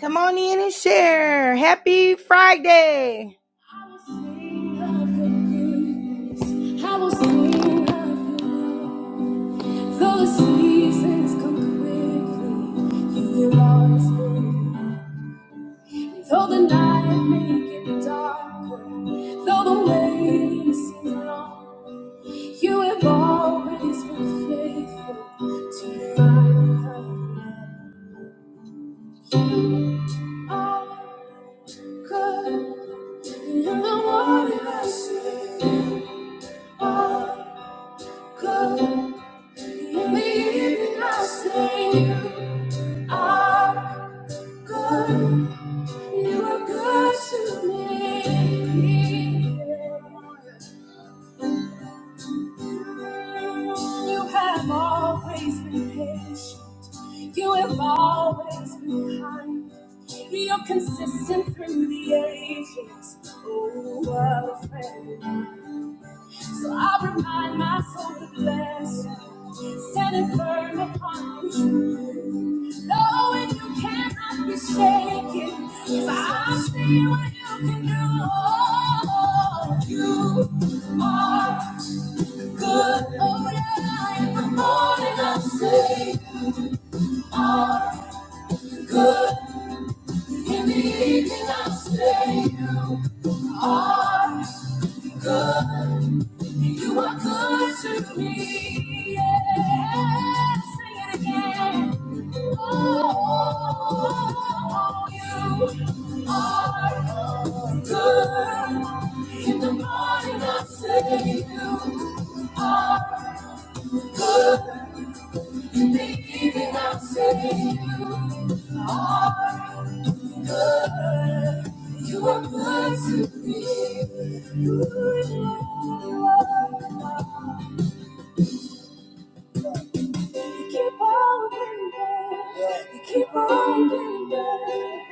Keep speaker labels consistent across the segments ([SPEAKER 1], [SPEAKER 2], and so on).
[SPEAKER 1] Come on in and share. Happy Friday. I will sing of your goodness. I will sing of your Though the seasons come quickly, you will always be. Though the night may get darker, though the waiting seems long, you have always been faithful to remind me of your love. You are Good. in the morning I say see. Oh, good. In the evening I say sing. Oh, good. You are good to me. Yeah. You have always been patient. You have always been kind. You're consistent through the ages. Oh, what a friend. So I remind my soul to bless you, standing firm upon your truth. Knowing you cannot be shaken, for I see what you can do. You are. Good, oh yeah, in the morning I will say, are good. In the evening I will say, you are good. You are good to me. Yeah, sing it again. Oh, oh, you are good. In the morning I will say, you are good. Even I am say you are good. You are good to me. You are. You keep on getting better. You keep on getting better.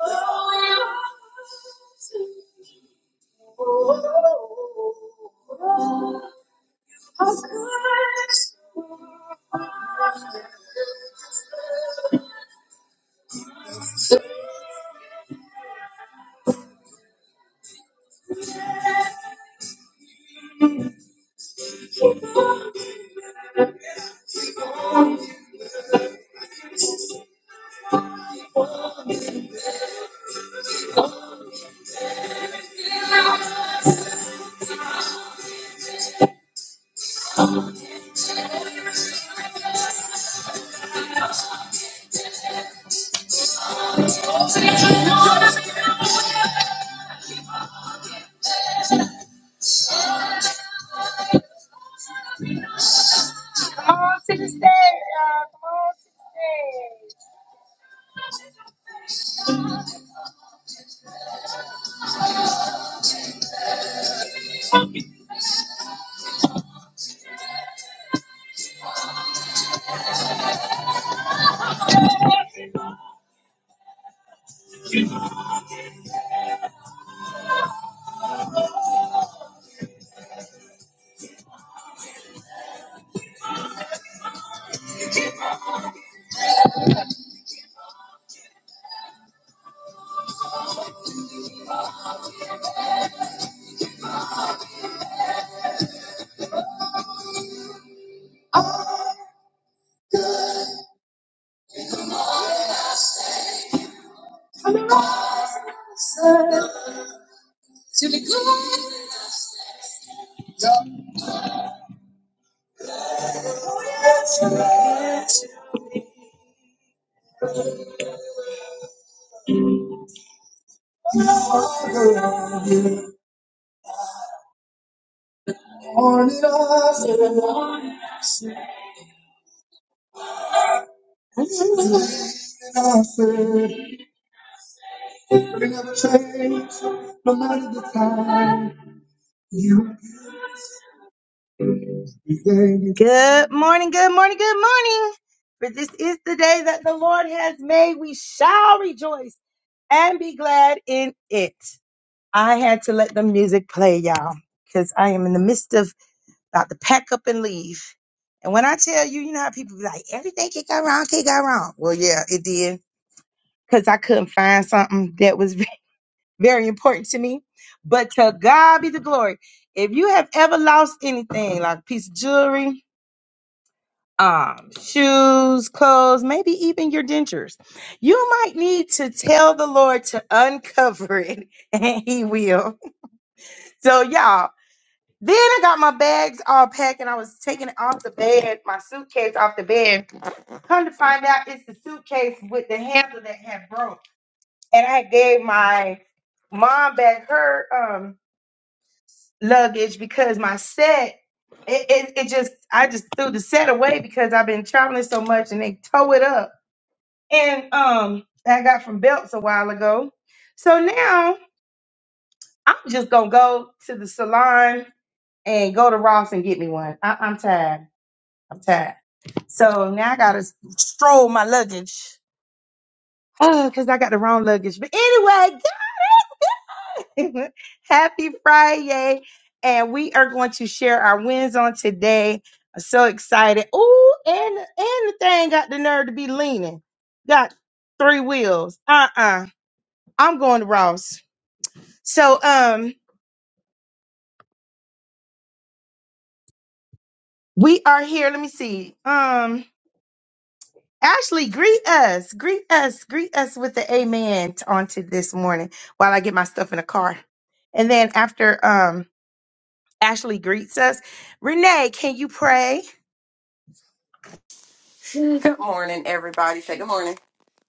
[SPEAKER 1] Oh, you are Oh, oh, oh. how good. Come on to the stage, y'all. Come on to the stage. Morning, I said, no matter the time. You Good morning, good morning, good morning. For this is the day that the Lord has made. We shall rejoice and be glad in it. I had to let the music play, y'all, because I am in the midst of about to pack up and leave. And when I tell you, you know how people be like, everything can go wrong, can go wrong. Well, yeah, it did. Because I couldn't find something that was very important to me. But to God be the glory. If you have ever lost anything, like a piece of jewelry, um, shoes, clothes, maybe even your dentures, you might need to tell the Lord to uncover it, and He will. So, y'all, Then I got my bags all packed and I was taking it off the bed, my suitcase off the bed. Come to find out it's the suitcase with the handle that had broke. And I gave my mom back her um luggage because my set it, it, it just I just threw the set away because I've been traveling so much and they tow it up. And um I got from Belts a while ago. So now I'm just gonna go to the salon and go to Ross and get me one. I, I'm tired. I'm tired. So now I gotta stroll my luggage. Oh, because I got the wrong luggage. But anyway, happy Friday. And we are going to share our wins on today. I'm so excited. Ooh, and, and the thing got the nerve to be leaning. Got three wheels. Uh-uh. I'm going to Ross. So um we are here. Let me see. Um Ashley, greet us. Greet us. Greet us with the amen t- on to this morning while I get my stuff in the car. And then after um Ashley greets us, Renee, can you pray?
[SPEAKER 2] Good morning, everybody. Say good morning.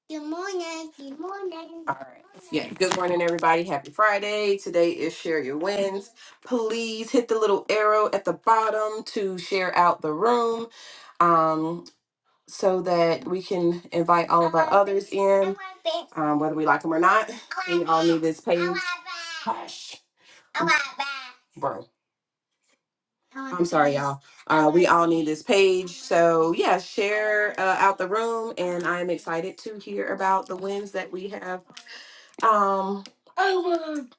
[SPEAKER 2] Good morning. Good morning. All right. Yeah. Good morning, everybody. Happy Friday. Today is Share Your Wins. Please hit the little arrow at the bottom to share out the room um, so that we can invite all of our others in, um, whether we like them or not. We all need this page. Hush. Bro. I'm sorry, y'all. Uh, we all need this page. So, yeah, share uh, out the room. And I'm excited to hear about the wins that we have um,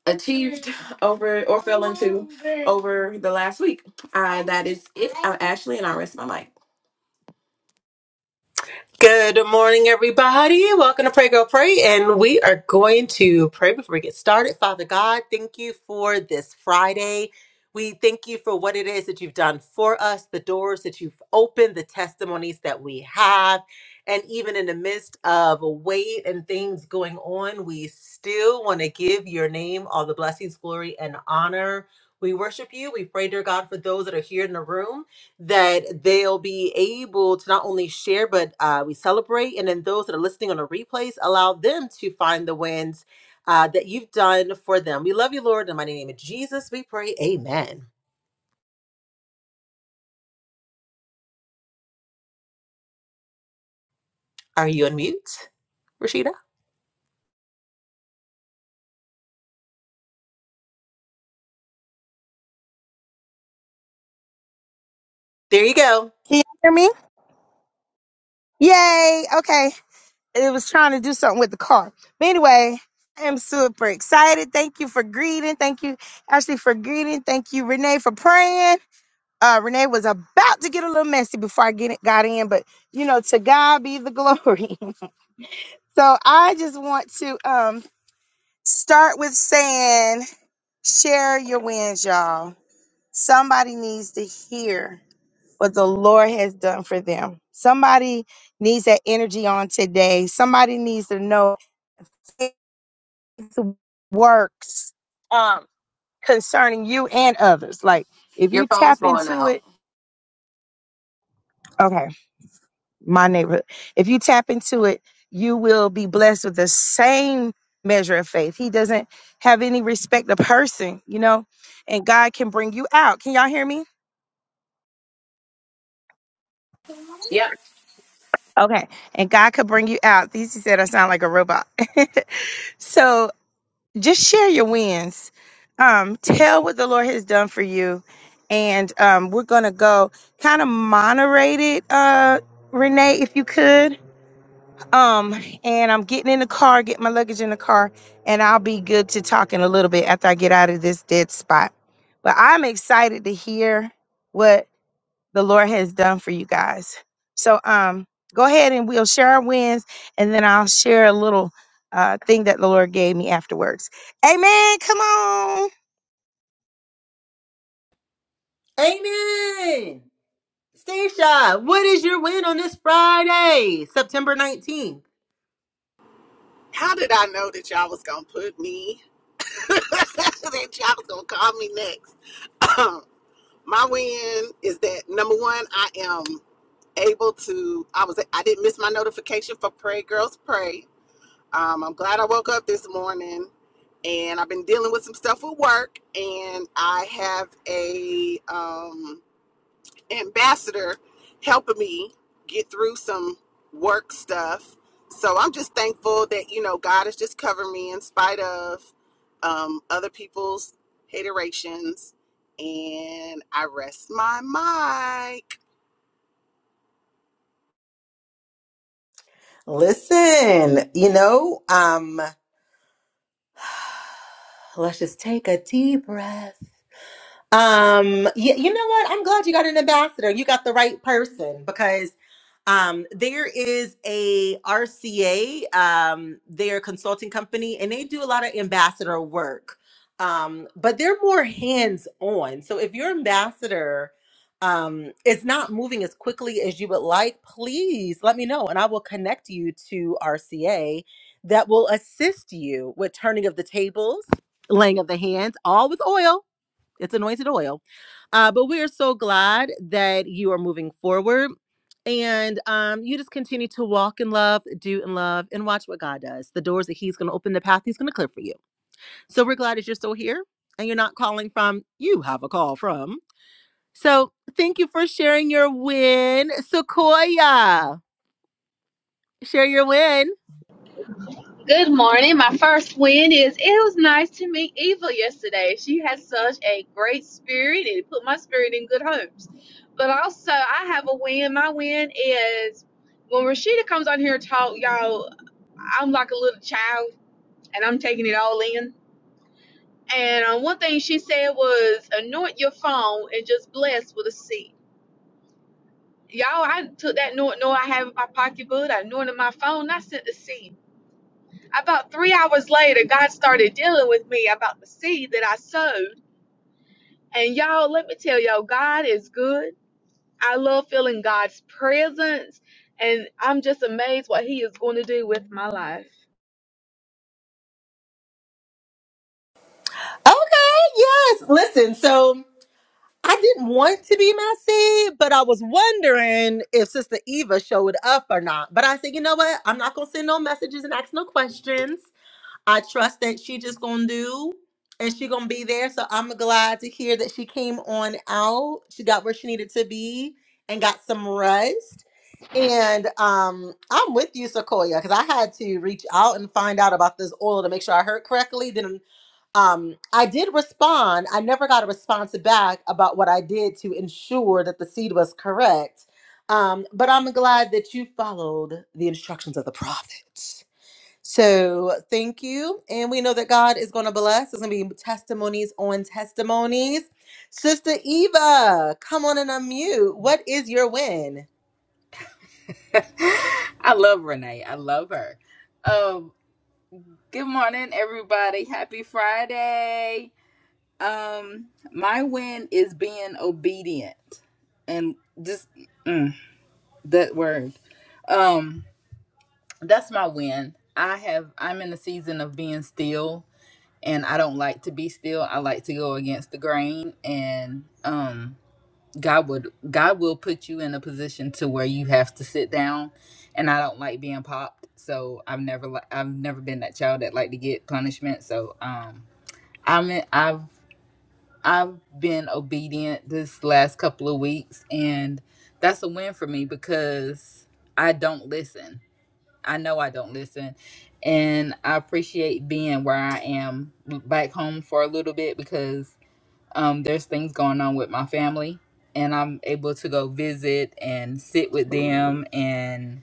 [SPEAKER 2] achieved over or fell into over the last week. Uh, that is it. I'm Ashley, and I rest my mic.
[SPEAKER 3] Good morning, everybody. Welcome to Pray Girl Pray, and we are going to pray before we get started. Father God, thank you for this Friday. We thank you for what it is that you've done for us, the doors that you've opened, the testimonies that we have. And even in the midst of weight and things going on, we still want to give your name all the blessings, glory, and honor. We worship you. We pray, dear God, for those that are here in the room that they'll be able to not only share, but uh, we celebrate. And then those that are listening on the replays, allow them to find the wins uh, that you've done for them. We love you, Lord. In the mighty name of Jesus, we pray. Amen. Are you on mute, Rashida? There you go.
[SPEAKER 1] Can you hear me? Yay. Okay. It was trying to do something with the car. But anyway, I am super excited. Thank you for greeting. Thank you, Ashley, for greeting. Thank you, Renee, for praying. Uh, Renee was about to get a little messy before I get it, got in, but you know, to God be the glory. So I just want to um, start with saying, share your wins, y'all. Somebody needs to hear what the Lord has done for them. Somebody needs that energy on today. Somebody needs to know it works um, concerning you and others. Like if
[SPEAKER 2] Your
[SPEAKER 1] you
[SPEAKER 2] phone's
[SPEAKER 1] tap
[SPEAKER 2] going
[SPEAKER 1] into
[SPEAKER 2] out.
[SPEAKER 1] it, okay. my neighborhood. If you tap into it, you will be blessed with the same measure of faith. He doesn't have any respect of person, you know, and God can bring you out. Can y'all hear me?
[SPEAKER 2] Yep.
[SPEAKER 1] Okay. And God could bring you out. These he said I sound like a robot. so just share your wins. Um, tell what the Lord has done for you. And um, we're gonna go kind of moderate it, uh, Renee, if you could. Um, and I'm getting in the car, get my luggage in the car, and I'll be good to talk in a little bit after I get out of this dead spot. But I'm excited to hear what the Lord has done for you guys. So um go ahead and we'll share our wins and then I'll share a little uh thing that the Lord gave me afterwards. Amen. Come on.
[SPEAKER 3] Amen. Stacia, what is your win on this Friday, September 19th?
[SPEAKER 4] How did I know that y'all was gonna put me? that y'all was gonna call me next. my win is that number one, I am able to. I was. I didn't miss my notification for Pray Girls Pray. Um, I'm glad I woke up this morning, and I've been dealing with some stuff at work, and I have a um ambassador helping me get through some work stuff. So I'm just thankful that you know God has just covered me in spite of um, other people's haterations, and I rest my mic.
[SPEAKER 3] Listen, you know, um, let's just take a deep breath. Um, yeah, you know what? I'm glad you got an ambassador. You got the right person because um there is a RCA, um, they're a consulting company and they do a lot of ambassador work. Um, but they're more hands-on. So if your ambassador um is not moving as quickly as you would like, please let me know and I will connect you to RCA that will assist you with turning of the tables, laying of the hands, all with oil it's anointed oil. Uh, but we are so glad that you are moving forward and um, you just continue to walk in love, do in love, and watch what God does. The doors that He's going to open, the path He's going to clear for you. So we're glad that you're still here and you're not calling from, you have a call from. So thank you for sharing your win, Sequoia. Share your win.
[SPEAKER 5] Good morning. My first win is it was nice to meet Eva yesterday. She had such a great spirit and it put my spirit in good hopes. But also, I have a win. My win is when Rashida comes on here and talk, y'all, I'm like a little child and I'm taking it all in. And uh, one thing she said was anoint your phone and just bless with a seed. Y'all, I took that note, no, I have in my pocketbook. I anointed my phone. and I sent the seed About three hours later, God started dealing with me about the seed that I sowed. And y'all, let me tell y'all, God is good. I love feeling God's presence. And I'm just amazed what He is going to do with my life.
[SPEAKER 3] Okay, yes. Listen, so I didn't want to be messy, but I was wondering if Sister Eva showed up or not. But I said, you know what? I'm not gonna send no messages and ask no questions. I trust that she just gonna do and she gonna be there. So I'm glad to hear that she came on out. She got where she needed to be and got some rest. And um, I'm with you, Sequoia, because I had to reach out and find out about this oil to make sure I heard correctly. Then um, I did respond. I never got a response back about what I did to ensure that the seed was correct. Um, but I'm glad that you followed the instructions of the prophet. So thank you. And we know that God is going to bless. There's going to be testimonies on testimonies. Sister Eva, come on and unmute. What is your win?
[SPEAKER 6] I love Renee. I love her. Um, good morning, everybody. Happy Friday. Um, my win is being obedient and just mm, that word. Um, that's my win. I have I'm in the season of being still and I don't like to be still. I like to go against the grain and um God would God will put you in a position to where you have to sit down, and I don't like being popped, so I've never li- I've never been that child that like to get punishment. So um, I'm I've I've been obedient this last couple of weeks, and that's a win for me because I don't listen. I know I don't listen, and I appreciate being where I am back home for a little bit because um, there's things going on with my family and i'm able to go visit and sit with them and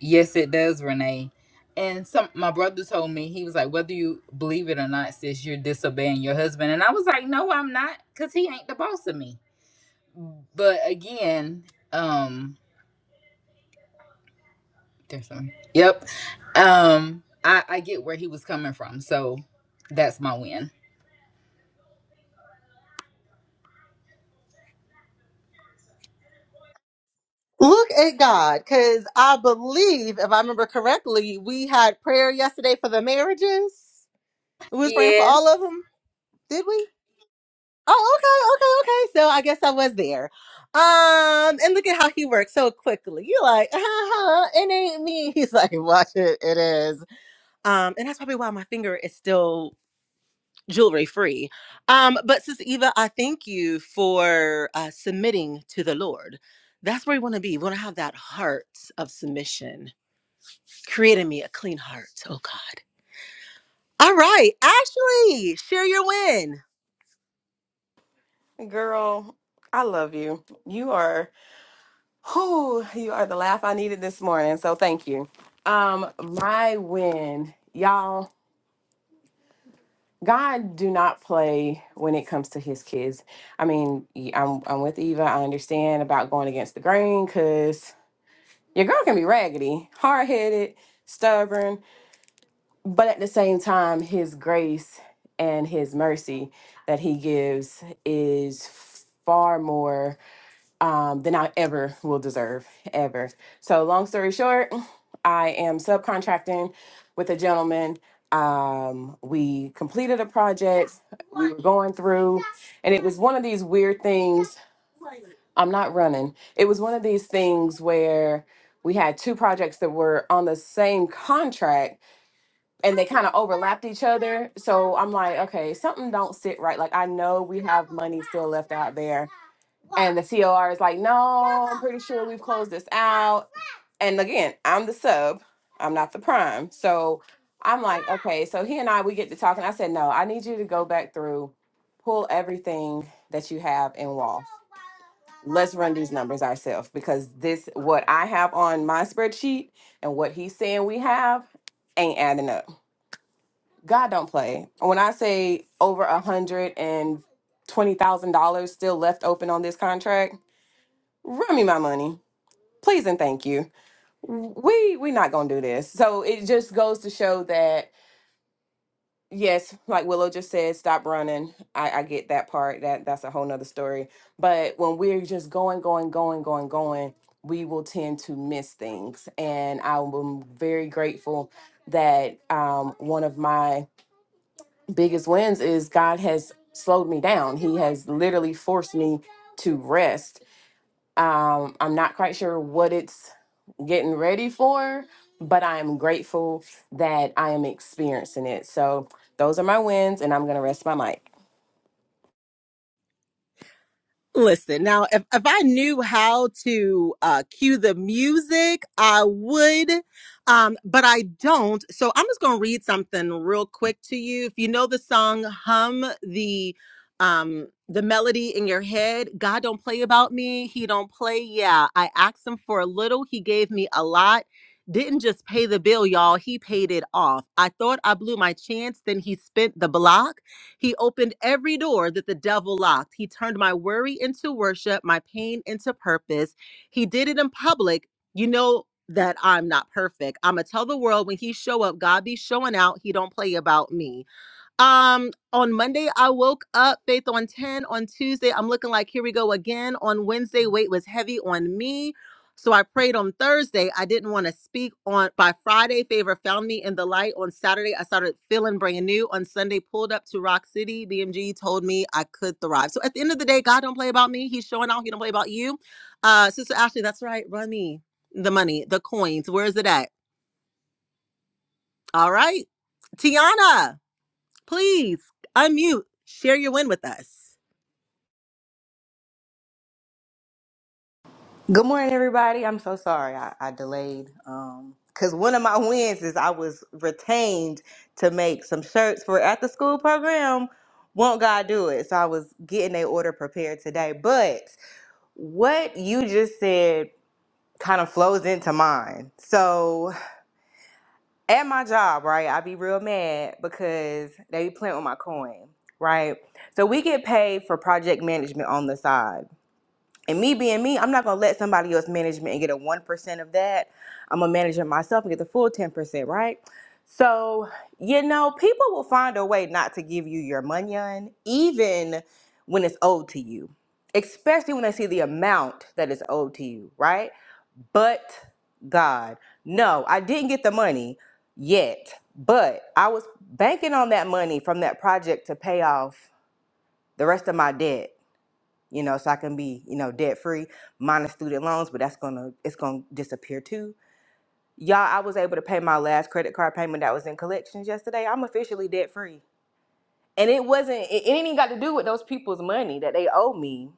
[SPEAKER 6] yes it does renee and some my brother told me he was like whether you believe it or not sis you're disobeying your husband and i was like no i'm not because he ain't the boss of me but again um there's some yep um i i get where he was coming from so that's my win
[SPEAKER 3] Look at God, because I believe, if I remember correctly, we had prayer yesterday for the marriages. We was praying for
[SPEAKER 6] yes
[SPEAKER 3] all of them. Did we? Oh, okay, okay, okay. So I guess I was there. Um, and look at how he works so quickly. You're like, uh-huh, it ain't me. He's like, watch it, it is. Um, and that's probably why my finger is still jewelry free. Um, but Sister Eva, I thank you for uh, submitting to the Lord. That's where we want to be. We want to have that heart of submission. Create in me a clean heart, oh God. All right, Ashley, share your win.
[SPEAKER 2] Girl, I love you. You are who you are the laugh I needed this morning. So thank you. Um, my win, y'all. God do not play when it comes to his kids. I mean, y- I'm I'm with Eva. I understand about going against the grain because your girl can be raggedy, hard headed, stubborn, but at the same time, his grace and his mercy that he gives is far more um, than I ever will deserve, ever. So, long story short, I am subcontracting with a gentleman. Um, we completed a project we were going through, and it was one of these weird things. I'm not running. It was one of these things where we had two projects that were on the same contract and they kind of overlapped each other. So I'm like, okay, something don't sit right. Like I know we have money still left out there and the COR is like, no, I'm pretty sure we've closed this out. And again, I'm the sub, I'm not the prime. So I'm like, okay. So he and I, we get to talking. I said, no, I need you to go back through, pull everything that you have in wall. Let's run these numbers ourselves because this, what I have on my spreadsheet and what he's saying we have ain't adding up. God don't play. When I say over a hundred and twenty thousand dollars still left open on this contract, run me my money please and thank you we we not gonna do this so it just goes to show that yes like willow just said stop running i i get that part that that's a whole nother story but when we're just going going going going going we will tend to miss things and i'm very grateful that um one of my biggest wins is god has slowed me down he has literally forced me to rest Um, I'm not quite sure what it's getting ready for, but I am grateful that I am experiencing it. So those are my wins, and I'm gonna rest my mic.
[SPEAKER 3] Listen, now if, if I knew how to uh cue the music, I would. Um, but I don't. So I'm just gonna read something real quick to you. If you know the song Hum the um the melody in your head, God don't play about me, he don't play. Yeah. I asked him for a little, he gave me a lot. Didn't just pay the bill, y'all. He paid it off. I thought I blew my chance, then he spent the block. He opened every door that the devil locked. He turned my worry into worship, my pain into purpose. He did it in public. You know that I'm not perfect. I'ma tell the world when he show up, God be showing out. He don't play about me. Um, on Monday, I woke up faith on 10. On Tuesday, I'm looking like here we go again. On Wednesday, weight was heavy on me. So I prayed on Thursday. I didn't want to speak on by Friday. Favor found me in the light. On Saturday, I started feeling brand new. On Sunday, pulled up to Rock City. BMG told me I could thrive. So at the end of the day, God don't play about me. He's showing out. He don't play about you. Uh, Sister Ashley, that's right. Run me the money, the coins. Where is it at? All right. Tiana please unmute, share your win with us.
[SPEAKER 7] Good morning, everybody. I'm so sorry I, I delayed. Um, cause one of my wins is I was retained to make some shirts for after school program. Won't God do it? So I was getting a order prepared today. But what you just said kind of flows into mine. So at my job, right, I be real mad because they be playing with my coin, right? So we get paid for project management on the side. And me being me, I'm not gonna let somebody else manage me and get a one percent of that. I'm gonna manage it myself and get the full ten percent, right? So, you know, people will find a way not to give you your money on, even when it's owed to you, especially when they see the amount that is owed to you, right? But God, no, I didn't get the money yet, but I was banking on that money from that project to pay off the rest of my debt you know, so I can be, you know, debt free, minus student loans, but that's gonna it's gonna disappear too. Y'all, I was able to pay my last credit card payment that was in collections yesterday. I'm officially debt free. And it wasn't it, it ain't even got to do with those people's money that they owe me.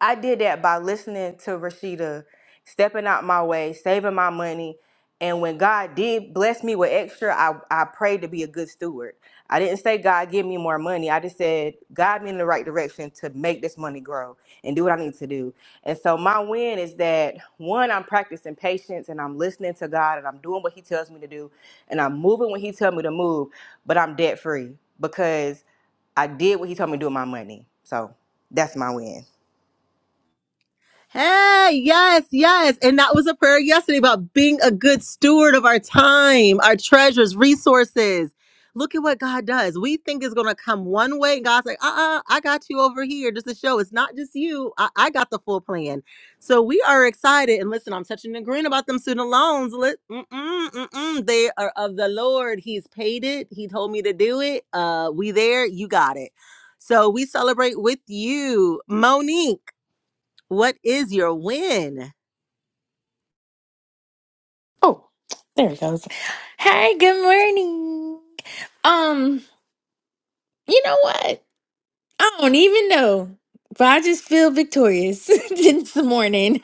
[SPEAKER 7] I did that by listening to Rashida, stepping out my way, saving my money. And when God did bless me with extra, I, I prayed to be a good steward. I didn't say, God, give me more money. I just said, guide me in the right direction to make this money grow and do what I need to do. And so my win is that one, I'm practicing patience and I'm listening to God and I'm doing what He tells me to do and I'm moving when He tells me to move, but I'm debt free because I did what He told me to do with my money. So that's my win.
[SPEAKER 3] Hey, yes, yes. And that was a prayer yesterday about being a good steward of our time, our treasures, resources. Look at what God does. We think it's going to come one way, and God's like, uh uh I got you over here just to show it's not just you. I-, I got the full plan. So we are excited. And listen, I'm touching and agreeing about them student loans. Let- mm-mm, mm-mm. They are of the Lord. He's paid it, He told me to do it. Uh, We there, you got it. So we celebrate with you, Monique. What is your win?
[SPEAKER 8] Oh, there it goes. Hey, good morning. Um, you know what? I don't even know, but I just feel victorious this morning.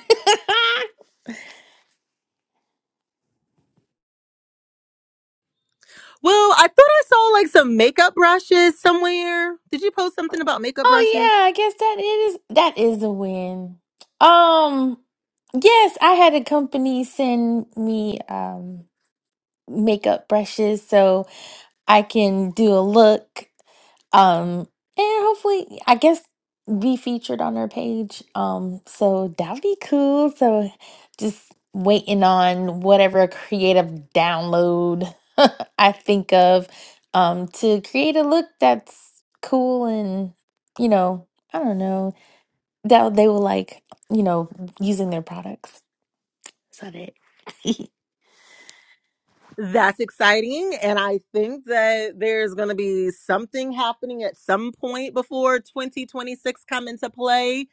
[SPEAKER 3] Well, I thought I saw like some makeup brushes somewhere. Did you post something about makeup
[SPEAKER 8] Oh
[SPEAKER 3] brushes?
[SPEAKER 8] yeah, I guess that is that is a win. Um, yes, I had a company send me um makeup brushes, so I can do a look um and hopefully i guess be featured on her page um so that would be cool so just waiting on whatever creative download i think of um to create a look that's cool and you know i don't know that they will like you know using their products is that it in
[SPEAKER 3] That's exciting. And I think that there's going to be something happening at some point before 2026 come into play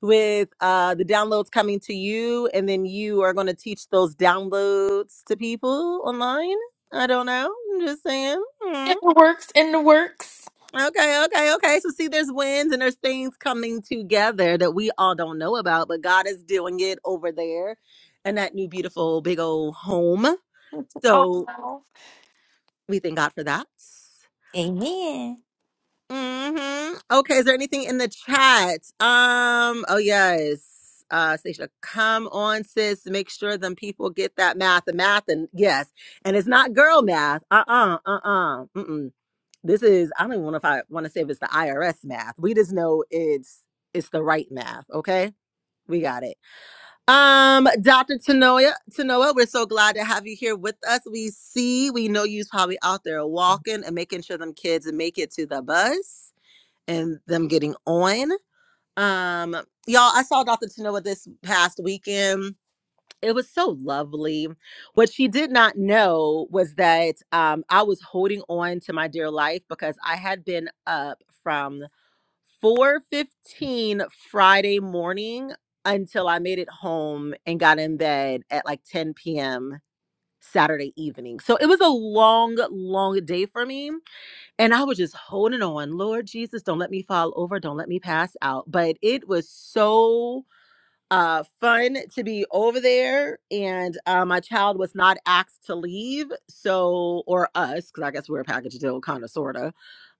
[SPEAKER 3] with uh, the downloads coming to you. And then you are going to teach those downloads to people online. I don't know. I'm just saying. Hmm.
[SPEAKER 8] the works in the works
[SPEAKER 3] Okay, okay, okay. So see, there's wins and there's things coming together that we all don't know about, but God is doing it over there in that new beautiful big old home. So
[SPEAKER 8] awesome
[SPEAKER 3] we thank God for that.
[SPEAKER 8] amen
[SPEAKER 3] hmm Okay, is there anything in the chat? Um, oh yes. Uh Stacia, come on, sis. Make sure them people get that math and math and yes. And it's not girl math. Uh-uh, uh-uh. Mm-mm. This is I don't even know if I want to say if it's the IRS math. We just know it's it's the right math. Okay, we got it. Um, Dr. Tanoia, Tanoa, we're so glad to have you here with us. We see, we know you's probably out there walking and making sure them kids make it to the bus and them getting on. Um, y'all, I saw Dr. Tanoa this past weekend it was so lovely. What she did not know was that um, I was holding on to my dear life because I had been up from 4:15 Friday morning until I made it home and got in bed at like 10 p.m. Saturday evening. So it was a long, long day for me. And I was just holding on. Lord Jesus, don't let me fall over. Don't let me pass out. But it was so uh, fun to be over there. And uh, my child was not asked to leave, so or us, because I guess we're a package deal, kind of, sorta.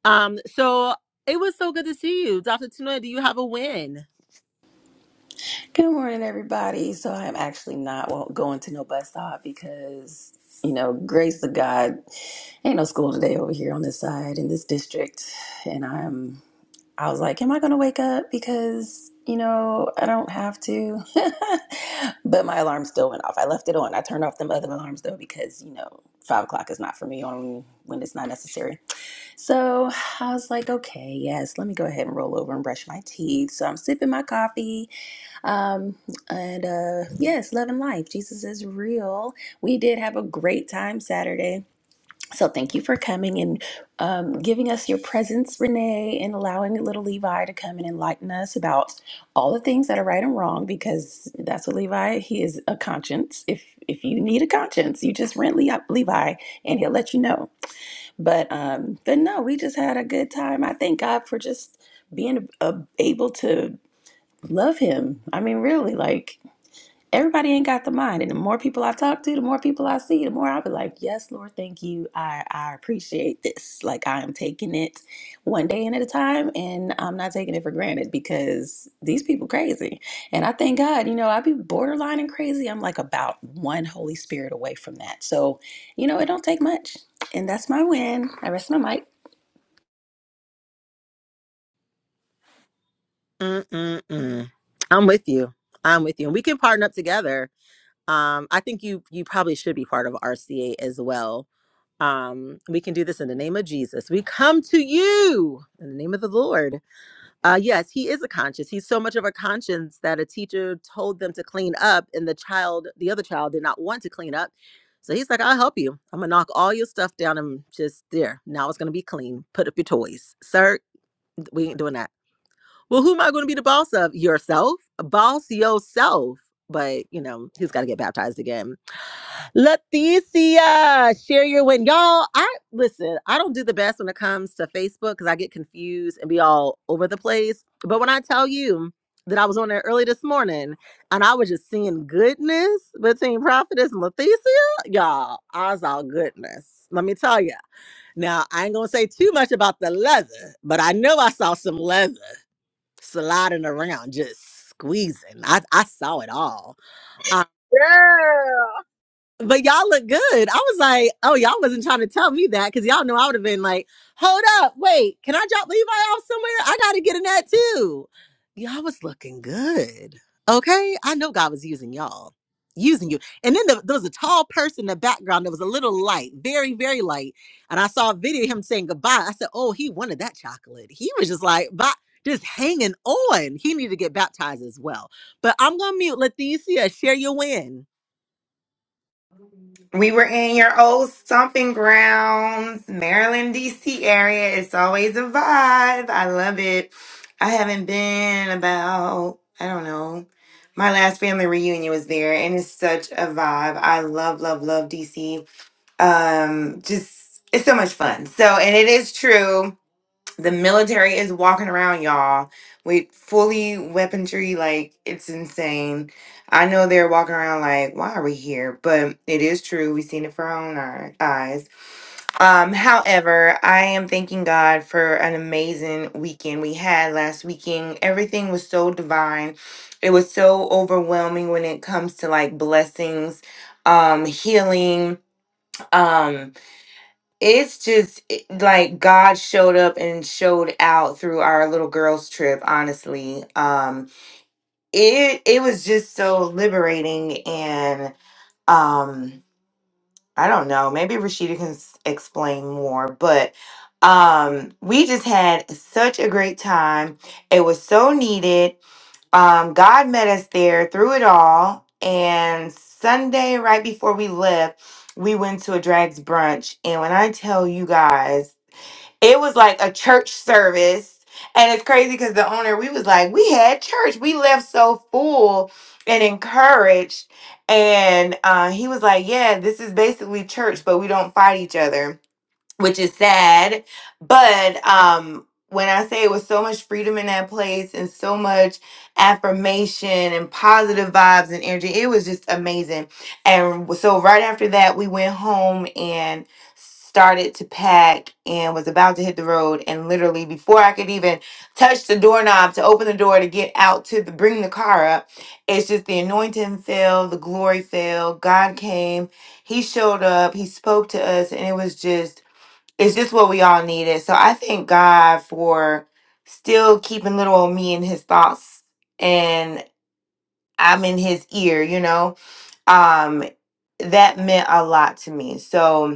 [SPEAKER 3] Um, so it was so good to see you, Dr. Tuna. Do you have a win?
[SPEAKER 9] Good morning, everybody. So I'm actually not wa- going to no bus stop because, you know, grace of God, ain't no school today over here on this side in this district. And I'm, I was like, am I going to wake up? Because, you know, I don't have to. but my alarm still went off. I left it on. I turned off them other alarms though because, you know, five o'clock is not for me on when it's not necessary. So I was like, okay, yes, let me go ahead and roll over and brush my teeth. So I'm sipping my coffee um, and uh, yes, love and life. Jesus is real. We did have a great time Saturday. So thank you for coming and um, giving us your presence, Renee, and allowing little Levi to come and enlighten us about all the things that are right and wrong, because that's what Levi, he is a conscience. If if you need a conscience, you just rent Le- Levi and he'll let you know. But um, but no, we just had a good time. I thank God for just being uh, able to love him. I mean, really, like everybody ain't got the mind. And the more people I talk to, the more people I see, the more I'll be like, yes, Lord, thank you. I, I appreciate this. Like I am taking it one day and at a time and I'm not taking it for granted because these people crazy. And I thank God, you know, I'd be borderline and crazy. I'm like about one Holy Spirit away from that. So, you know, it don't take much. And that's my win. I rest my mic.
[SPEAKER 3] Mm-mm-mm. I'm with you. I'm with you, and we can partner up together. Um, I think you you probably should be part of RCA as well. Um, we can do this in the name of Jesus. We come to you in the name of the Lord. Uh, yes, he is a conscience. He's so much of a conscience that a teacher told them to clean up, and the child, the other child, did not want to clean up. So he's like, I'll help you. I'm going to knock all your stuff down and just there. Now it's going to be clean. Put up your toys. Sir, we ain't doing that. Well, who am I going to be the boss of? Yourself? Boss yourself. But, you know, he's got to get baptized again. Leticia, share your win. Y'all, I listen, I don't do the best when it comes to Facebook because I get confused and be all over the place. But when I tell you that I was on there early this morning and I was just seeing goodness between Prophetess and Leticia, y'all, I was all goodness. Let me tell you. Now, I ain't gonna say too much about the leather, but I know I saw some leather sliding around, just squeezing. I, I saw it all but y'all look good. I was like, oh, y'all wasn't trying to tell me that because y'all know I would have been like, hold up, wait, can I drop Levi off somewhere? I got to get in that too. Y'all was looking good. Okay. I know God was using y'all, using you. And then the, there was a tall person in the background that was a little light, very, very light. And I saw a video of him saying goodbye. I said, oh, he wanted that chocolate. He was just like, bye. Just hanging on. He needed to get baptized as well. But I'm gonna mute Leticia. Share your win.
[SPEAKER 10] We were in your old stomping grounds, Maryland, D.C. area. It's always a vibe. I love it. I haven't been about, I don't know. My last family reunion was there, and it's such a vibe. I love, love, love D.C. Um, just, it's so much fun. So, and it is true. The military is walking around, y'all, with fully weaponry. Like, it's insane. I know they're walking around like, why are we here? But it is true. We've seen it for our own eye- eyes. Um, however, I am thanking God for an amazing weekend we had last weekend. Everything was so divine. It was so overwhelming when it comes to like blessings, um, healing. Um, it's just it- like God showed up and showed out through our little girls trip honestly um it it was just so liberating and um I don't know maybe Rashida can s- explain more but um we just had such a great time it was so needed um God met us there through it all and Sunday right before we left we went to a drags brunch and when I tell you guys it was like a church service. And it's crazy because the owner, we was like, we had church. We left so full and encouraged. And uh, he was like, yeah, this is basically church, but we don't fight each other which is sad. But um, when I say it was so much freedom in that place and so much affirmation and positive vibes and energy, it was just amazing. And so right after that, we went home and started to pack and was about to hit the road and literally before I could even touch the doorknob to open the door to get out to the, bring the car up it's just the anointing fell the glory fell God came he showed up he spoke to us and it was just it's just what we all needed. So I thank God for still keeping little old me in his thoughts and I'm in his ear, you know. Um that meant a lot to me. So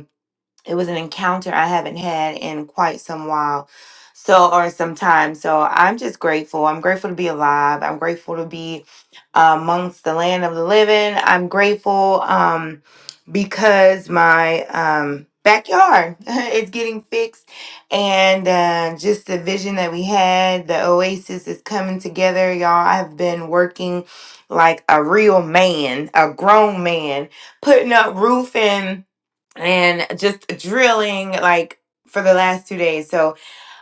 [SPEAKER 10] it was an encounter I haven't had in quite some while. So, or some time. So, I'm just grateful. I'm grateful to be alive. I'm grateful to be um, amongst the land of the living. I'm grateful um, because my um, backyard is getting fixed, and uh, just the vision that we had, the oasis is coming together, y'all. I've been working like a real man, a grown man, putting up roofing and just drilling like for the last two days. So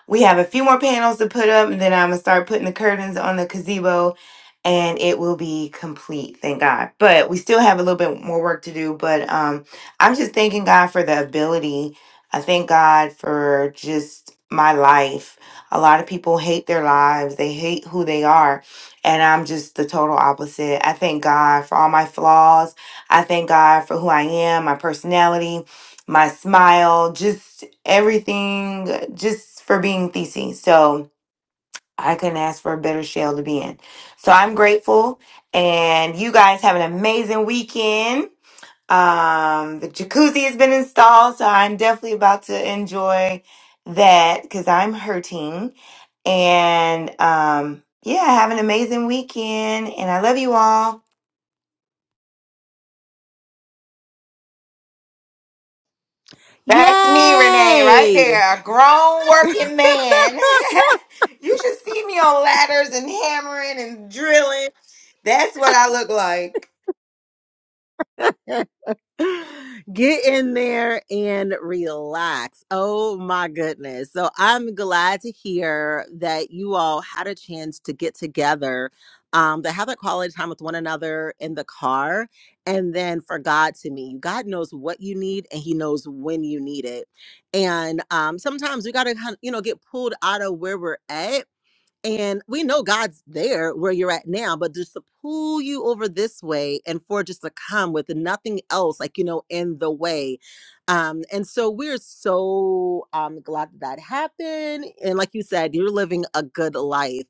[SPEAKER 10] we have a few more panels to put up, and then I'm gonna start putting the curtains on the gazebo, and it will be complete, thank God. But we still have a little bit more work to do. But um, I'm just thanking God for the ability. I thank God for just my life. A lot of people hate their lives. They hate who they are. And I'm just the total opposite. I thank God for all my flaws. I thank God for who I am, my personality, my smile, just everything, just for being Thesey. So I couldn't ask for a better shell to be in. So I'm grateful, and you guys have an amazing weekend. Um, the jacuzzi has been installed, so I'm definitely about to enjoy that because I'm hurting. And um, yeah, have an amazing weekend, and I love you all. That's me, Renee, right
[SPEAKER 3] Yay!
[SPEAKER 10] there. A grown working man. you should see me on ladders and hammering and drilling. That's what I look like.
[SPEAKER 3] Get in there and relax. Oh my goodness. So I'm glad to hear that you all had a chance to get together, um, to have that quality time with one another in the car, and then for God to meet you. God knows what you need and He knows when you need it. And um, sometimes we got to, you know, get pulled out of where we're at And we know God's there where you're at now, but just to pull you over this way and for just to come with nothing else, like, you know, in the way. Um, and so we're so um, glad that that happened. And like you said, you're living a good life.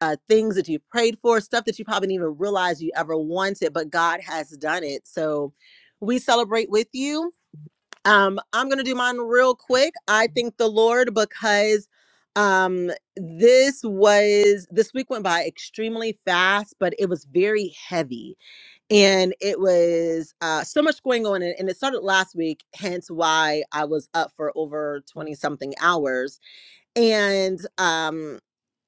[SPEAKER 3] Uh, things that you prayed for, stuff that you probably didn't even realize you ever wanted, but God has done it. So we celebrate with you um, I'm gonna do mine real quick. I thank the Lord because um this was this week went by extremely fast, but it was very heavy. And it was uh so much going on and, and it started last week, hence why I was up for over 20 something hours. And um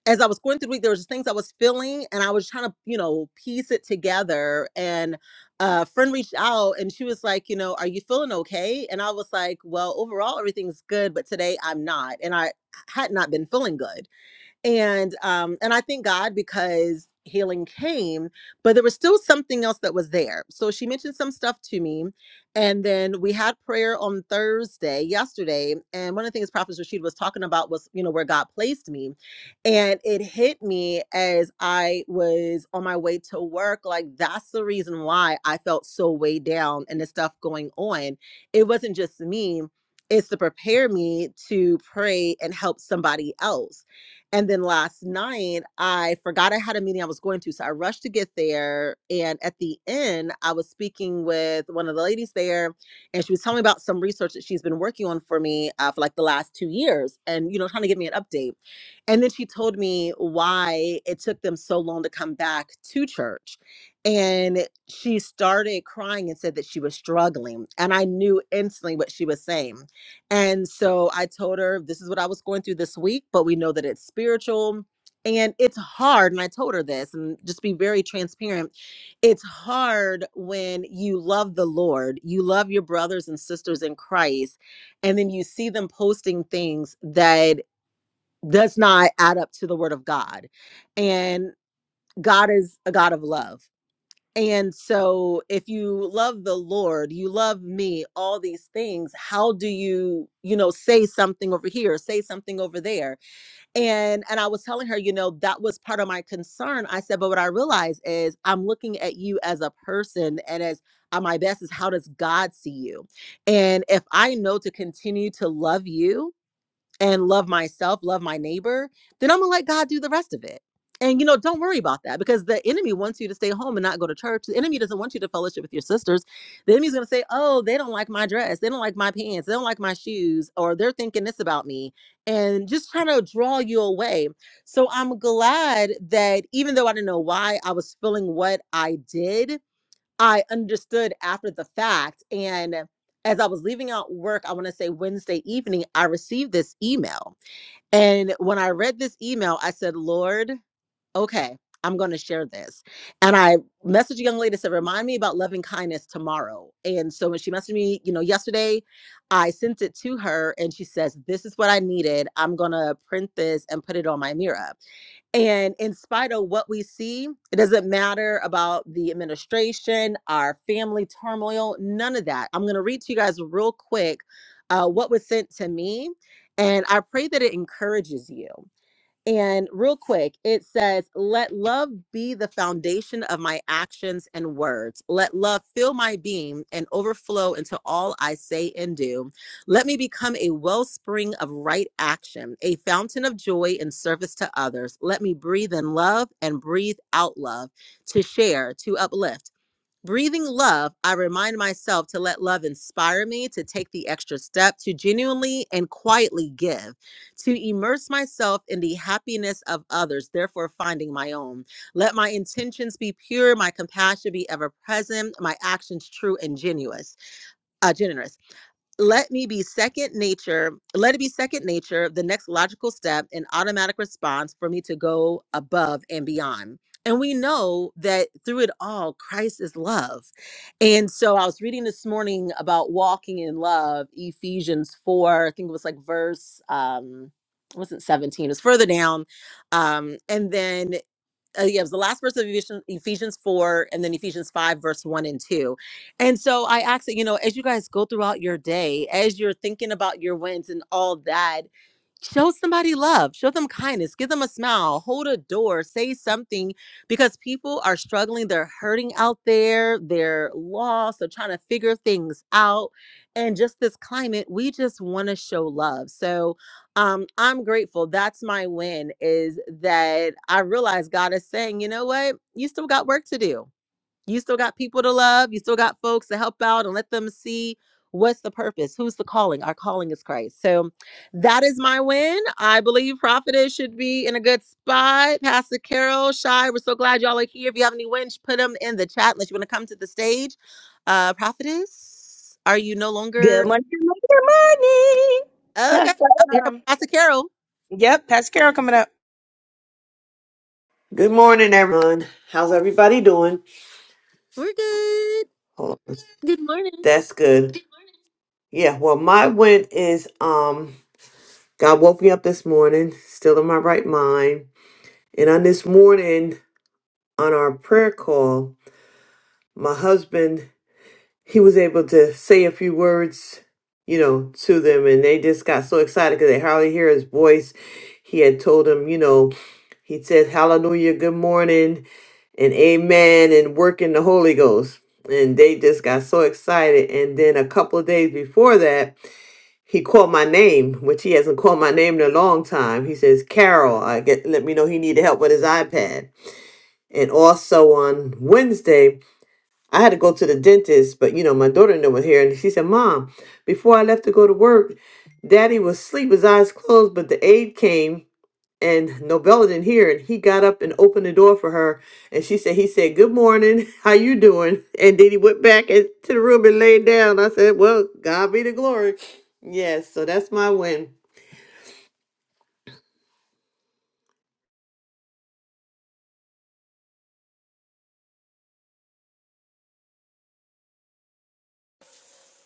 [SPEAKER 3] as I was going through the week, there was just things I was feeling, and I was trying to, you know, piece it together. And a friend reached out, and she was like, you know, are you feeling okay? And I was like, well, overall, everything's good, but today I'm not, and I had not been feeling good and um and i thank god because healing came but there was still something else that was there so she mentioned some stuff to me and then we had prayer on thursday yesterday and one of the things prophet rashid was talking about was you know where god placed me and it hit me as i was on my way to work like that's the reason why i felt so weighed down and the stuff going on it wasn't just me it's to prepare me to pray and help somebody else and then last night, I forgot I had a meeting I was going to. So I rushed to get there. And at the end, I was speaking with one of the ladies there, and she was telling me about some research that she's been working on for me uh, for like the last two years and, you know, trying to give me an update. And then she told me why it took them so long to come back to church. And she started crying and said that she was struggling. And I knew instantly what she was saying. And so I told her, This is what I was going through this week, but we know that it's spiritual and it's hard. And I told her this, and just be very transparent. It's hard when you love the Lord, you love your brothers and sisters in Christ, and then you see them posting things that does not add up to the word of God. And God is a God of love. And so, if you love the Lord, you love me, all these things, how do you, you know, say something over here, say something over there? And and I was telling her, you know, that was part of my concern. I said, but what I realize is I'm looking at you as a person and as uh, my best is how does God see you? And if I know to continue to love you, and love myself, love my neighbor, then I'm gonna let God do the rest of it. And you know, don't worry about that because the enemy wants you to stay home and not go to church. The enemy doesn't want you to fellowship with your sisters. The enemy's gonna say, "Oh, they don't like my dress. They don't like my pants. They don't like my shoes, or they're thinking this about me," and just trying to draw you away. So I'm glad that even though I didn't know why I was feeling what I did, I understood after the fact. And as I was leaving out work, I want to say Wednesday evening, I received this email. And when I read this email, I said, Lord, okay, I'm going to share this. And I messaged a young lady said, remind me about loving kindness tomorrow. And so when she messaged me, you know, yesterday, I sent it to her and she says, this is what I needed. I'm going to print this and put it on my mirror. And in spite of what we see, it doesn't matter about the administration, our family turmoil, none of that. I'm going to read to you guys real quick uh, what was sent to me. And I pray that it encourages you. And real quick, it says, Let love be the foundation of my actions and words. Let love fill my being and overflow into all I say and do. Let me become a wellspring of right action, a fountain of joy and service to others. Let me breathe in love and breathe out love to share, to uplift. Breathing love, I remind myself to let love inspire me to take the extra step to genuinely and quietly give, to immerse myself in the happiness of others, therefore finding my own. Let my intentions be pure, my compassion be ever present, my actions true and genuous, uh, generous let me be second nature let it be second nature the next logical step an automatic response for me to go above and beyond and we know that through it all christ is love and so i was reading this morning about walking in love ephesians 4 i think it was like verse um it wasn't 17 it was further down um and then uh, yeah, it was the last verse of Ephesians, Ephesians 4 and then Ephesians 5, verse 1 and 2. And so I asked that, you know, as you guys go throughout your day, as you're thinking about your wins and all that, show somebody love show them kindness give them a smile hold a door say something because people are struggling they're hurting out there they're lost they're trying to figure things out and just this climate we just want to show love so um i'm grateful that's my win is that i realize god is saying you know what you still got work to do you still got people to love. You still got folks to help out and let them see what's the purpose. Who's the calling? Our calling is Christ. So that is my win. I believe Prophetess should be in a good spot. Pastor Carol, Shy, we're so glad y'all are here. If you have any wins, put them in the chat unless you want to come to the stage. Uh Prophetess, are you no
[SPEAKER 1] Good
[SPEAKER 3] longer
[SPEAKER 1] morning. Good morning. Good morning.
[SPEAKER 3] okay?
[SPEAKER 1] Pastor
[SPEAKER 3] Oh, here comes
[SPEAKER 1] um,
[SPEAKER 3] Pastor Carol.
[SPEAKER 1] Yep, Pastor Carol coming up.
[SPEAKER 11] Good morning, everyone. How's everybody doing?
[SPEAKER 3] We're good.
[SPEAKER 11] Hold on.
[SPEAKER 3] Good morning.
[SPEAKER 11] That's good. Yeah, well, my win is um God woke me up this morning, still in my right mind. And on this morning, on our prayer call, my husband, he was able to say a few words, you know, to them, and they just got so excited because they hardly hear his voice. He had told them, you know, he said, Hallelujah, good morning. and amen and working the Holy Ghost. And they just got so excited. And then a couple of days before that, he called my name, which he hasn't called my name in a long time. He says, Carol, I get let me know he needed help with his iPad. And also on Wednesday, I had to go to the dentist, but you know, my daughter in law was here and she said, Mom, before I left to go to work, Daddy was asleep, his eyes closed, but the aide came and Nobella didn't hear it. He got up and opened the door for her, and she said, "He said, good morning, how you doing?" And then he went back in- to the room and laid down. I said, "Well, God be the glory." Yes, so that's my win.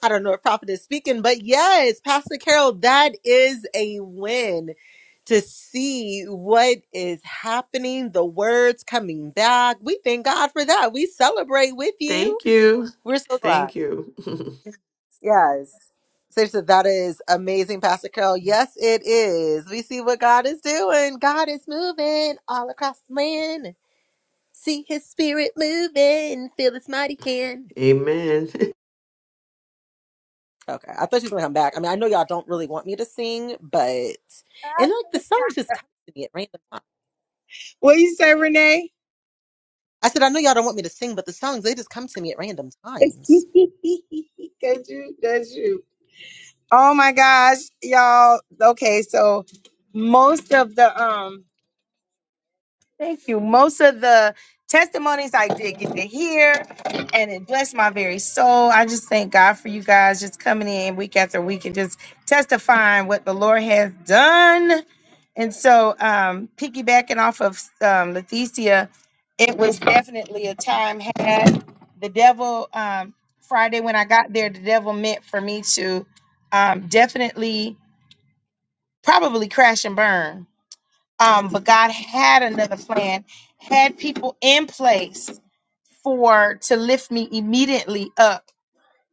[SPEAKER 3] I don't know if Prophet is speaking, but yes, Pastor Carol, that is a win to see what is happening, the words coming back. We thank God for that. We celebrate with you.
[SPEAKER 11] Thank you,
[SPEAKER 3] We're so glad.
[SPEAKER 11] thank you.
[SPEAKER 3] Yes. Seriously, that is amazing, Pastor Carol. Yes, it is. We see what God is doing. God is moving all across the land. See his spirit moving. Feel his mighty hand.
[SPEAKER 11] Amen.
[SPEAKER 3] Okay. I thought she was gonna come back. I mean, I know y'all don't really want me to sing, but and like the songs just come to me at random times.
[SPEAKER 1] What do you say, Renee?
[SPEAKER 3] I said, I know y'all don't want me to sing, but the songs they just come to me at random
[SPEAKER 1] Cause
[SPEAKER 3] times.
[SPEAKER 1] you, cause you. Oh my gosh, y'all. Okay, so most of the um Thank you. Most of the testimonies I did get to hear, and it blessed my very soul. I just thank God for you guys just coming in week after week and just testifying what the Lord has done. And so, um, piggybacking off of um, Leticia, it was definitely a time had the devil um, Friday when I got there. The devil meant for me to um, definitely, probably crash and burn um, but God had another plan, had people in place for to lift me immediately up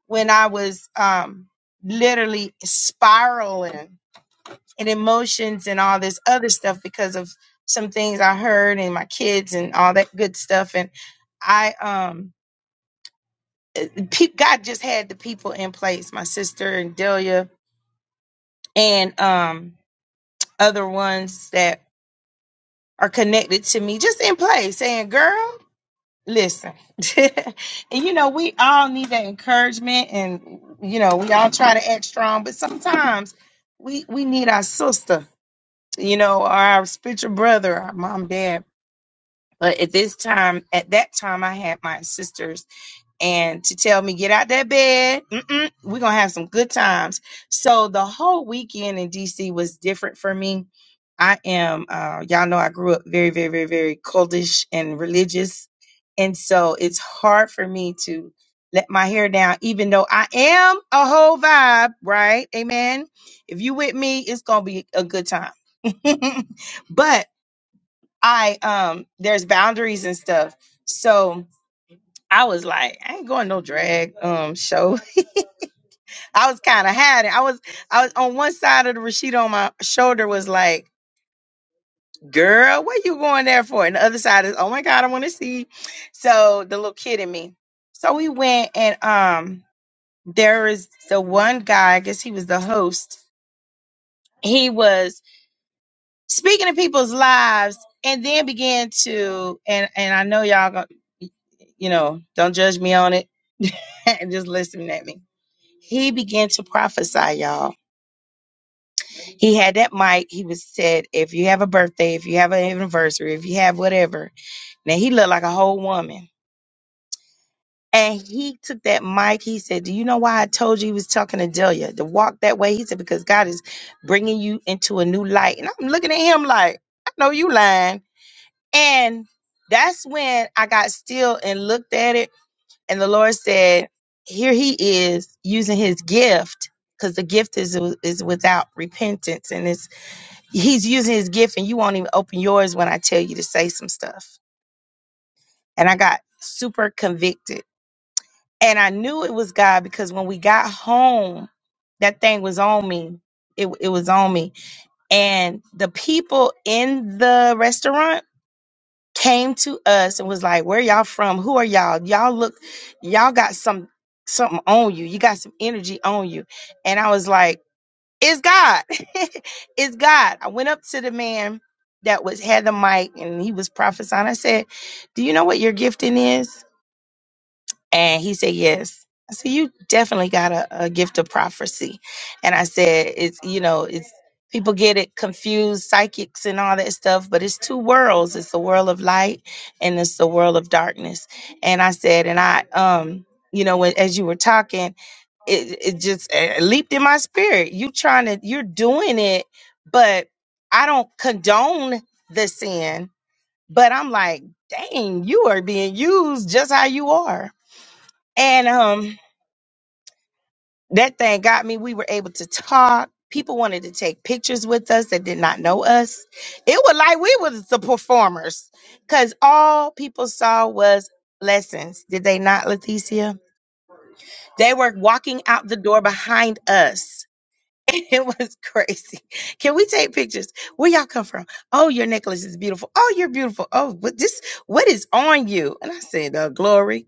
[SPEAKER 1] when I was um, literally spiraling in emotions and all this other stuff because of some things I heard and my kids and all that good stuff. And I, um, pe- God just had the people in place, my sister and Delia and um, other ones that are connected to me, just in place, saying, "Girl." Listen, and you know, we all need that encouragement, and you know, we all try to act strong, but sometimes we we need our sister, you know, or our spiritual brother, our mom, dad. But at this time, at that time, I had my sisters and to tell me get out that bed. Mm-mm, we're gonna have some good times. So the whole weekend in DC was different for me. I am, uh, y'all know, I grew up very, very, very, very cultish and religious, and so it's hard for me to let my hair down, even though I am a whole vibe, right? Amen. If you with me, it's gonna be a good time. but I, um, there's boundaries and stuff. So I was like, I ain't going no drag um show. I was kind of had it. I was I was on one side of the Rashida on my shoulder was like, girl, what you going there for? And the other side is, oh my God, I want to see. So the little kid in me. So we went and um there is the one guy, I guess he was the host. He was speaking to people's lives and then began to and and I know y'all go, you know, don't judge me on it. just listen at me he began to prophesy, y'all. He had that mic. He was said, if you have a birthday, if you have an anniversary, if you have whatever. Now he looked like a whole woman. And he took that mic. He said, Do you know why I told you he was talking to Delia to walk that way? He said, Because God is bringing you into a new light. And I'm looking at him like, I know you lying. And that's when I got still and looked at it And the Lord said, Here he is using his gift, because the gift is is without repentance. And it's he's using his gift, and you won't even open yours when I tell you to say some stuff. And I got super convicted. And I knew it was God because when we got home, that thing was on me. It, it was on me. And the people in the restaurant came to us and was like, "Where y'all from? Who are y'all? Y'all look, y'all got some something on you. You got some energy on you." And I was like, "It's God. it's God." I went up to the man that was had the mic and he was prophesying. I said, "Do you know what your gifting is?" And he said, Yes. I said, You definitely got a, a gift of prophecy. And I said, It's, you know, it's people get it confused, psychics and all that stuff, but it's two worlds. It's the world of light and it's the world of darkness. And I said, and I, um, you know, when, as you were talking, it, it just uh, leaped in my spirit. You trying to, you're doing it, but I don't condone the sin. But I'm like, dang, you are being used just how you are and um, that thing got me. We were able to talk. People wanted to take pictures with us that did not know us. It was like we was the performers, cause all people saw was lessons. Did they not, Leticia? They were walking out the door behind us. It was crazy. Can we take pictures? Where y'all come from? Oh, your necklace is beautiful. Oh, you're beautiful. Oh, what this? What is on you? And I said, uh, "Glory."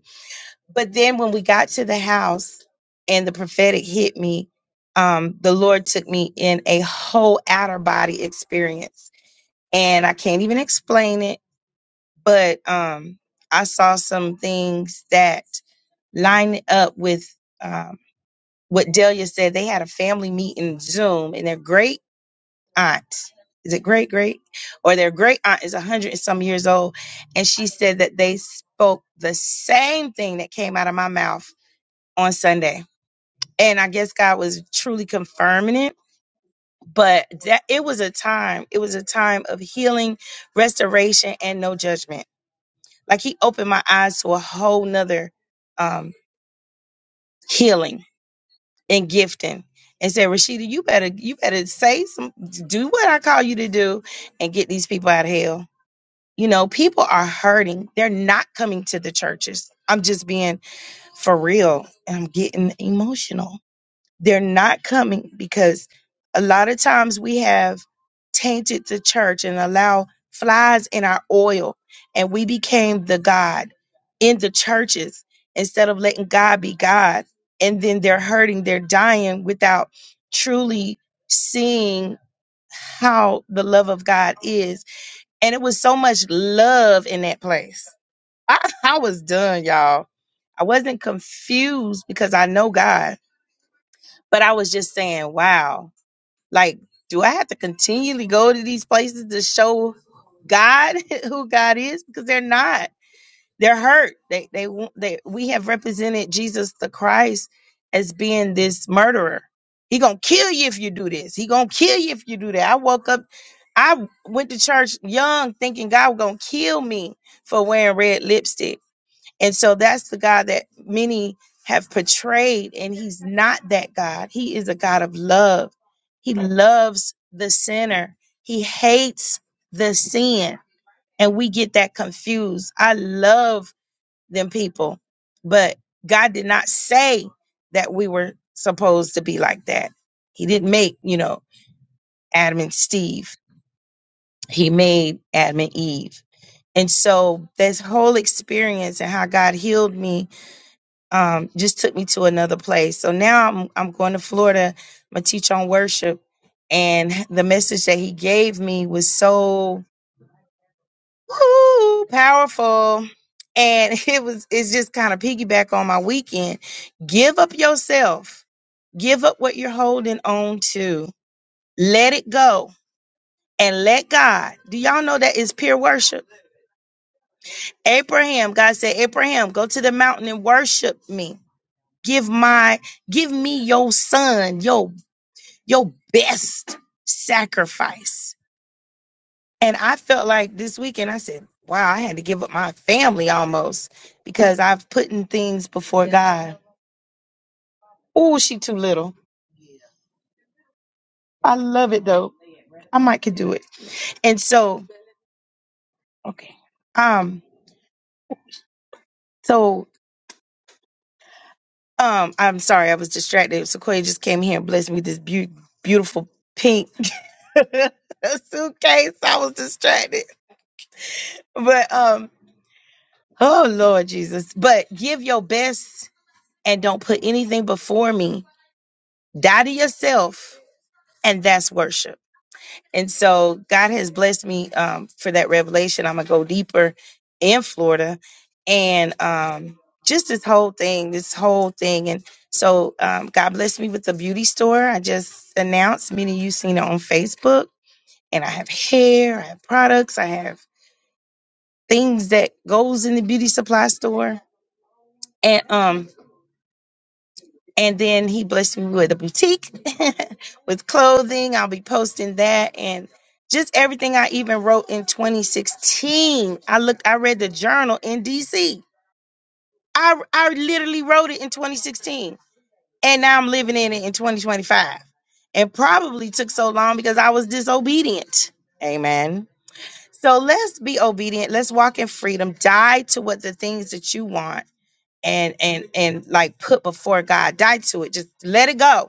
[SPEAKER 1] but then when we got to the house and the prophetic hit me um the lord took me in a whole outer body experience and i can't even explain it but um i saw some things that line up with um what delia said they had a family meeting zoom and their great aunt is it great great or their great aunt is 100 and some years old and she said that they spoke the same thing that came out of my mouth on sunday and I guess God was truly confirming it. But that it was a time, it was a time of healing, restoration, and no judgment. Like he opened my eyes to a whole nother um healing and gifting and said, Rashida, you better you better say some do what I call you to do and get these people out of hell. You know, people are hurting. They're not coming to the churches. I'm just being for real. And I'm getting emotional They're not coming because a lot of times we have tainted the church and allow flies in our oil, and we became the God in the churches instead of letting God be God. And then they're hurting, they're dying without truly seeing how the love of God is. And it was so much love in that place. I, I was done, y'all. I wasn't confused because I know God. But I was just saying, wow, like, do I have to continually go to these places to show God who God is? Because they're not. They're hurt. They they won't- they we have represented Jesus the Christ as being this murderer. He gonna kill you if you do this. He gonna kill you if you do that. I woke up, I went to church young thinking God was gonna kill me for wearing red lipstick and so that's the God that many have portrayed, and he's not that God. He is a God of love. He loves the sinner, he hates the sin. And we get that confused. I love them people, but God did not say that we were supposed to be like that. He didn't make, you know, Adam and Steve, he made Adam and Eve. And so this whole experience and how God healed me um, just took me to another place. So now I'm I'm going to Florida. I'm gonna teach on worship, and the message that he gave me was so woo, powerful, and it was it's just kind of piggyback on my weekend. Give up yourself. Give up what you're holding on to. Let it go and let God. Do y'all know that is pure worship? Abraham, God said, Abraham, go to the mountain and worship me. Give my give me your son, yo. your best sacrifice. And I felt like this weekend, I said, wow, I had to give up my family almost because I've put in things before God. Oh, she too little. I love it though. I might could do it. And so, okay. Um, so, um, I'm sorry, I was distracted. Sequoia just came here and blessed me with this beau- beautiful pink suitcase. I was distracted. But, um, oh Lord Jesus, but give your best and don't put anything before me. Die to yourself, and that's worship. And so God has blessed me um, for that revelation. I'm gonna go deeper in Florida, and um, just this whole thing, this whole thing. And so um, God blessed me with the beauty store. I just announced. Many of you seen it on Facebook. And I have hair. I have products. I have things that goes in the beauty supply store. And um, And then he blessed me with a boutique with clothing. I'll be posting that and just everything I even wrote in 2016. I looked, I read the journal in DC. I, I literally wrote it in 2016. And now I'm living in it in 2025. And probably took so long because I was disobedient. Amen. So let's be obedient. Let's walk in freedom. Die to what the things that you want and and and like put before God. Die to it. Just let it go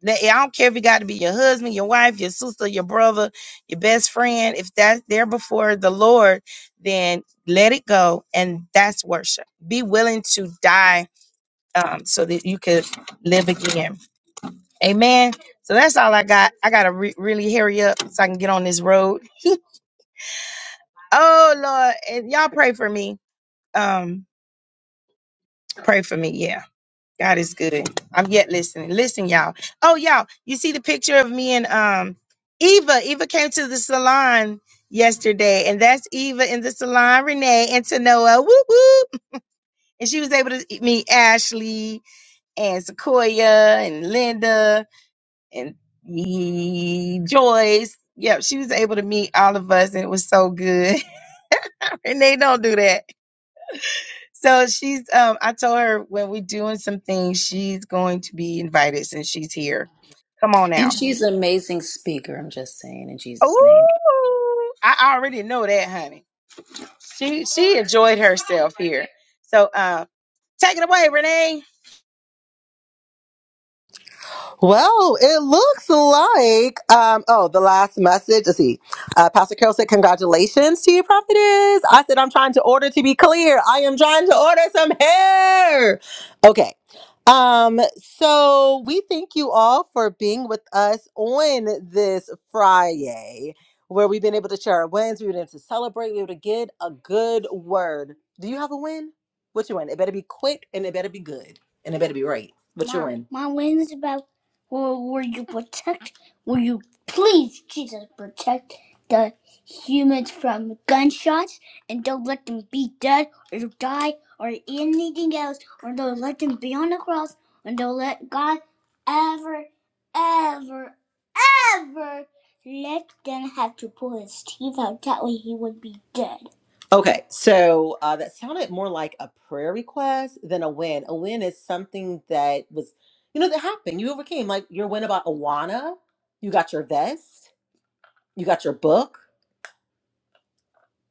[SPEAKER 1] now, I don't care if it got to be your husband, your wife, your sister, your brother, your best friend. If that's there before the Lord, then let it go. And that's worship. Be willing to die um, so that you could live again. Amen. So that's all I got. I got to re- really hurry up so I can get on this road. oh, Lord. And y'all pray for me. Um, pray for me. Yeah. God is good. I'm yet listening. Listen, y'all. Oh, y'all, you see the picture of me and um Eva. Eva came to the salon yesterday, and that's Eva in the salon, Renee and Tanoa. Whoop whoop. And she was able to meet Ashley and Sequoia and Linda and ye- Joyce. Yep, she was able to meet all of us, and it was so good. Renee, don't do that. So she's um I told her when we're doing some things, she's going to be invited since she's here. Come on
[SPEAKER 9] And
[SPEAKER 1] out.
[SPEAKER 9] she's an amazing speaker, I'm just saying, in Jesus' name.
[SPEAKER 1] Ooh, I already know that, honey. She she enjoyed herself here. So uh take it away, Renee.
[SPEAKER 3] Well, it looks like um oh the last message. Let's see. Uh, Pastor Carol said, Congratulations to you, prophetess. I said I'm trying to order to be clear. I am trying to order some hair. Okay. Um, so we thank you all for being with us on this Friday where we've been able to share our wins, we've been able to celebrate, we were able to get a good word. Do you have a win? What's your win? It better be quick and it better be good and it better be right. What's your My, win? Will, will you protect? Will you please, Jesus, protect the humans from gunshots and don't let them be dead or die or anything else, or don't let them be on the cross, and don't let God ever, ever, never let Dan have to pull his teeth out. That way he would be dead. Okay, so uh, that sounded more like a prayer request than a win. A win is something that was, you know, that happened. You overcame, like your win about Awana. You got your vest. You got your book.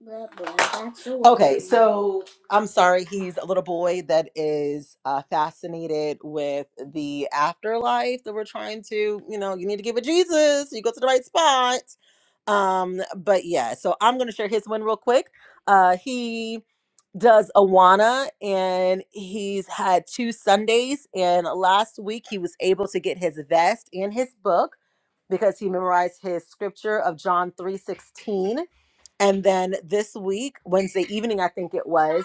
[SPEAKER 3] Blah, blah, that's the one. Okay, so I'm sorry, he's a little boy that is uh, fascinated with the afterlife that we're trying to, you know, you need to give it Jesus, you go to the right spot. Um, but yeah, so I'm gonna share his win real quick. Uh, he does Awana and he's had two Sundays, and last week he was able to get his vest and his book because he memorized his scripture of John 3:16 and then this week, Wednesday evening, I think it was.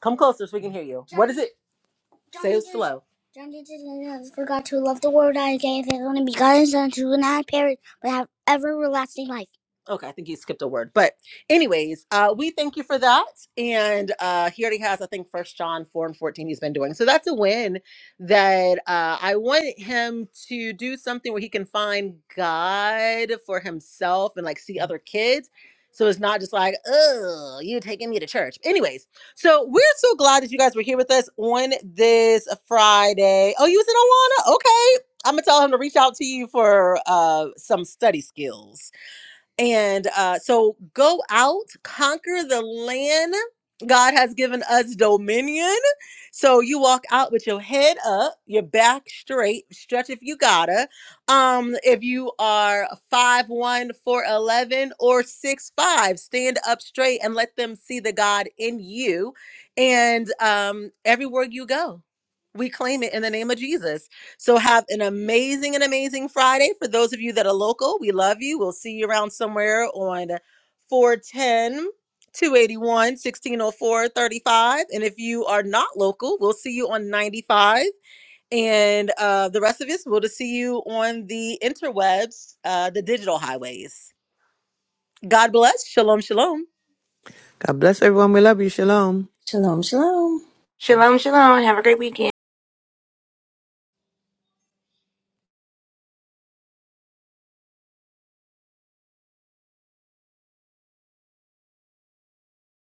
[SPEAKER 3] Come closer so we can hear you. What is it? Say it slow. John did forgot to love the world I gave his only begotten son to not perish but have everlasting life. Okay, I think you skipped a word. But anyways, uh, we thank you for that. And uh, he already has, I think, First John 4 and 14 he's been doing. So that's a win that uh, I want him to do something where he can find God for himself and like see other kids. So it's not just like, oh, you taking me to church. Anyways, so we're so glad that you guys were here with us on this Friday. Oh, you was in Awana? Okay. I'm gonna tell him to reach out to you for uh some study skills. And uh, so go out, conquer the land. God has given us dominion. So you walk out with your head up, your back straight, stretch if you gotta. Um, if you are five one, four eleven, or six five, stand up straight and let them see the God in you. And um, everywhere you go, we claim it in the name of Jesus. So have an amazing and amazing Friday. For those of you that are local, we love you. We'll see you around somewhere on four ten two eighty one sixteen oh four thirty five. And if you are not local, we'll see you on 95. And uh, the rest of us, we'll just see you on the interwebs, uh, the digital highways. God bless. Shalom, shalom.
[SPEAKER 11] God bless everyone. We love you. Shalom.
[SPEAKER 9] Shalom, shalom.
[SPEAKER 10] Shalom, shalom. Have a great weekend.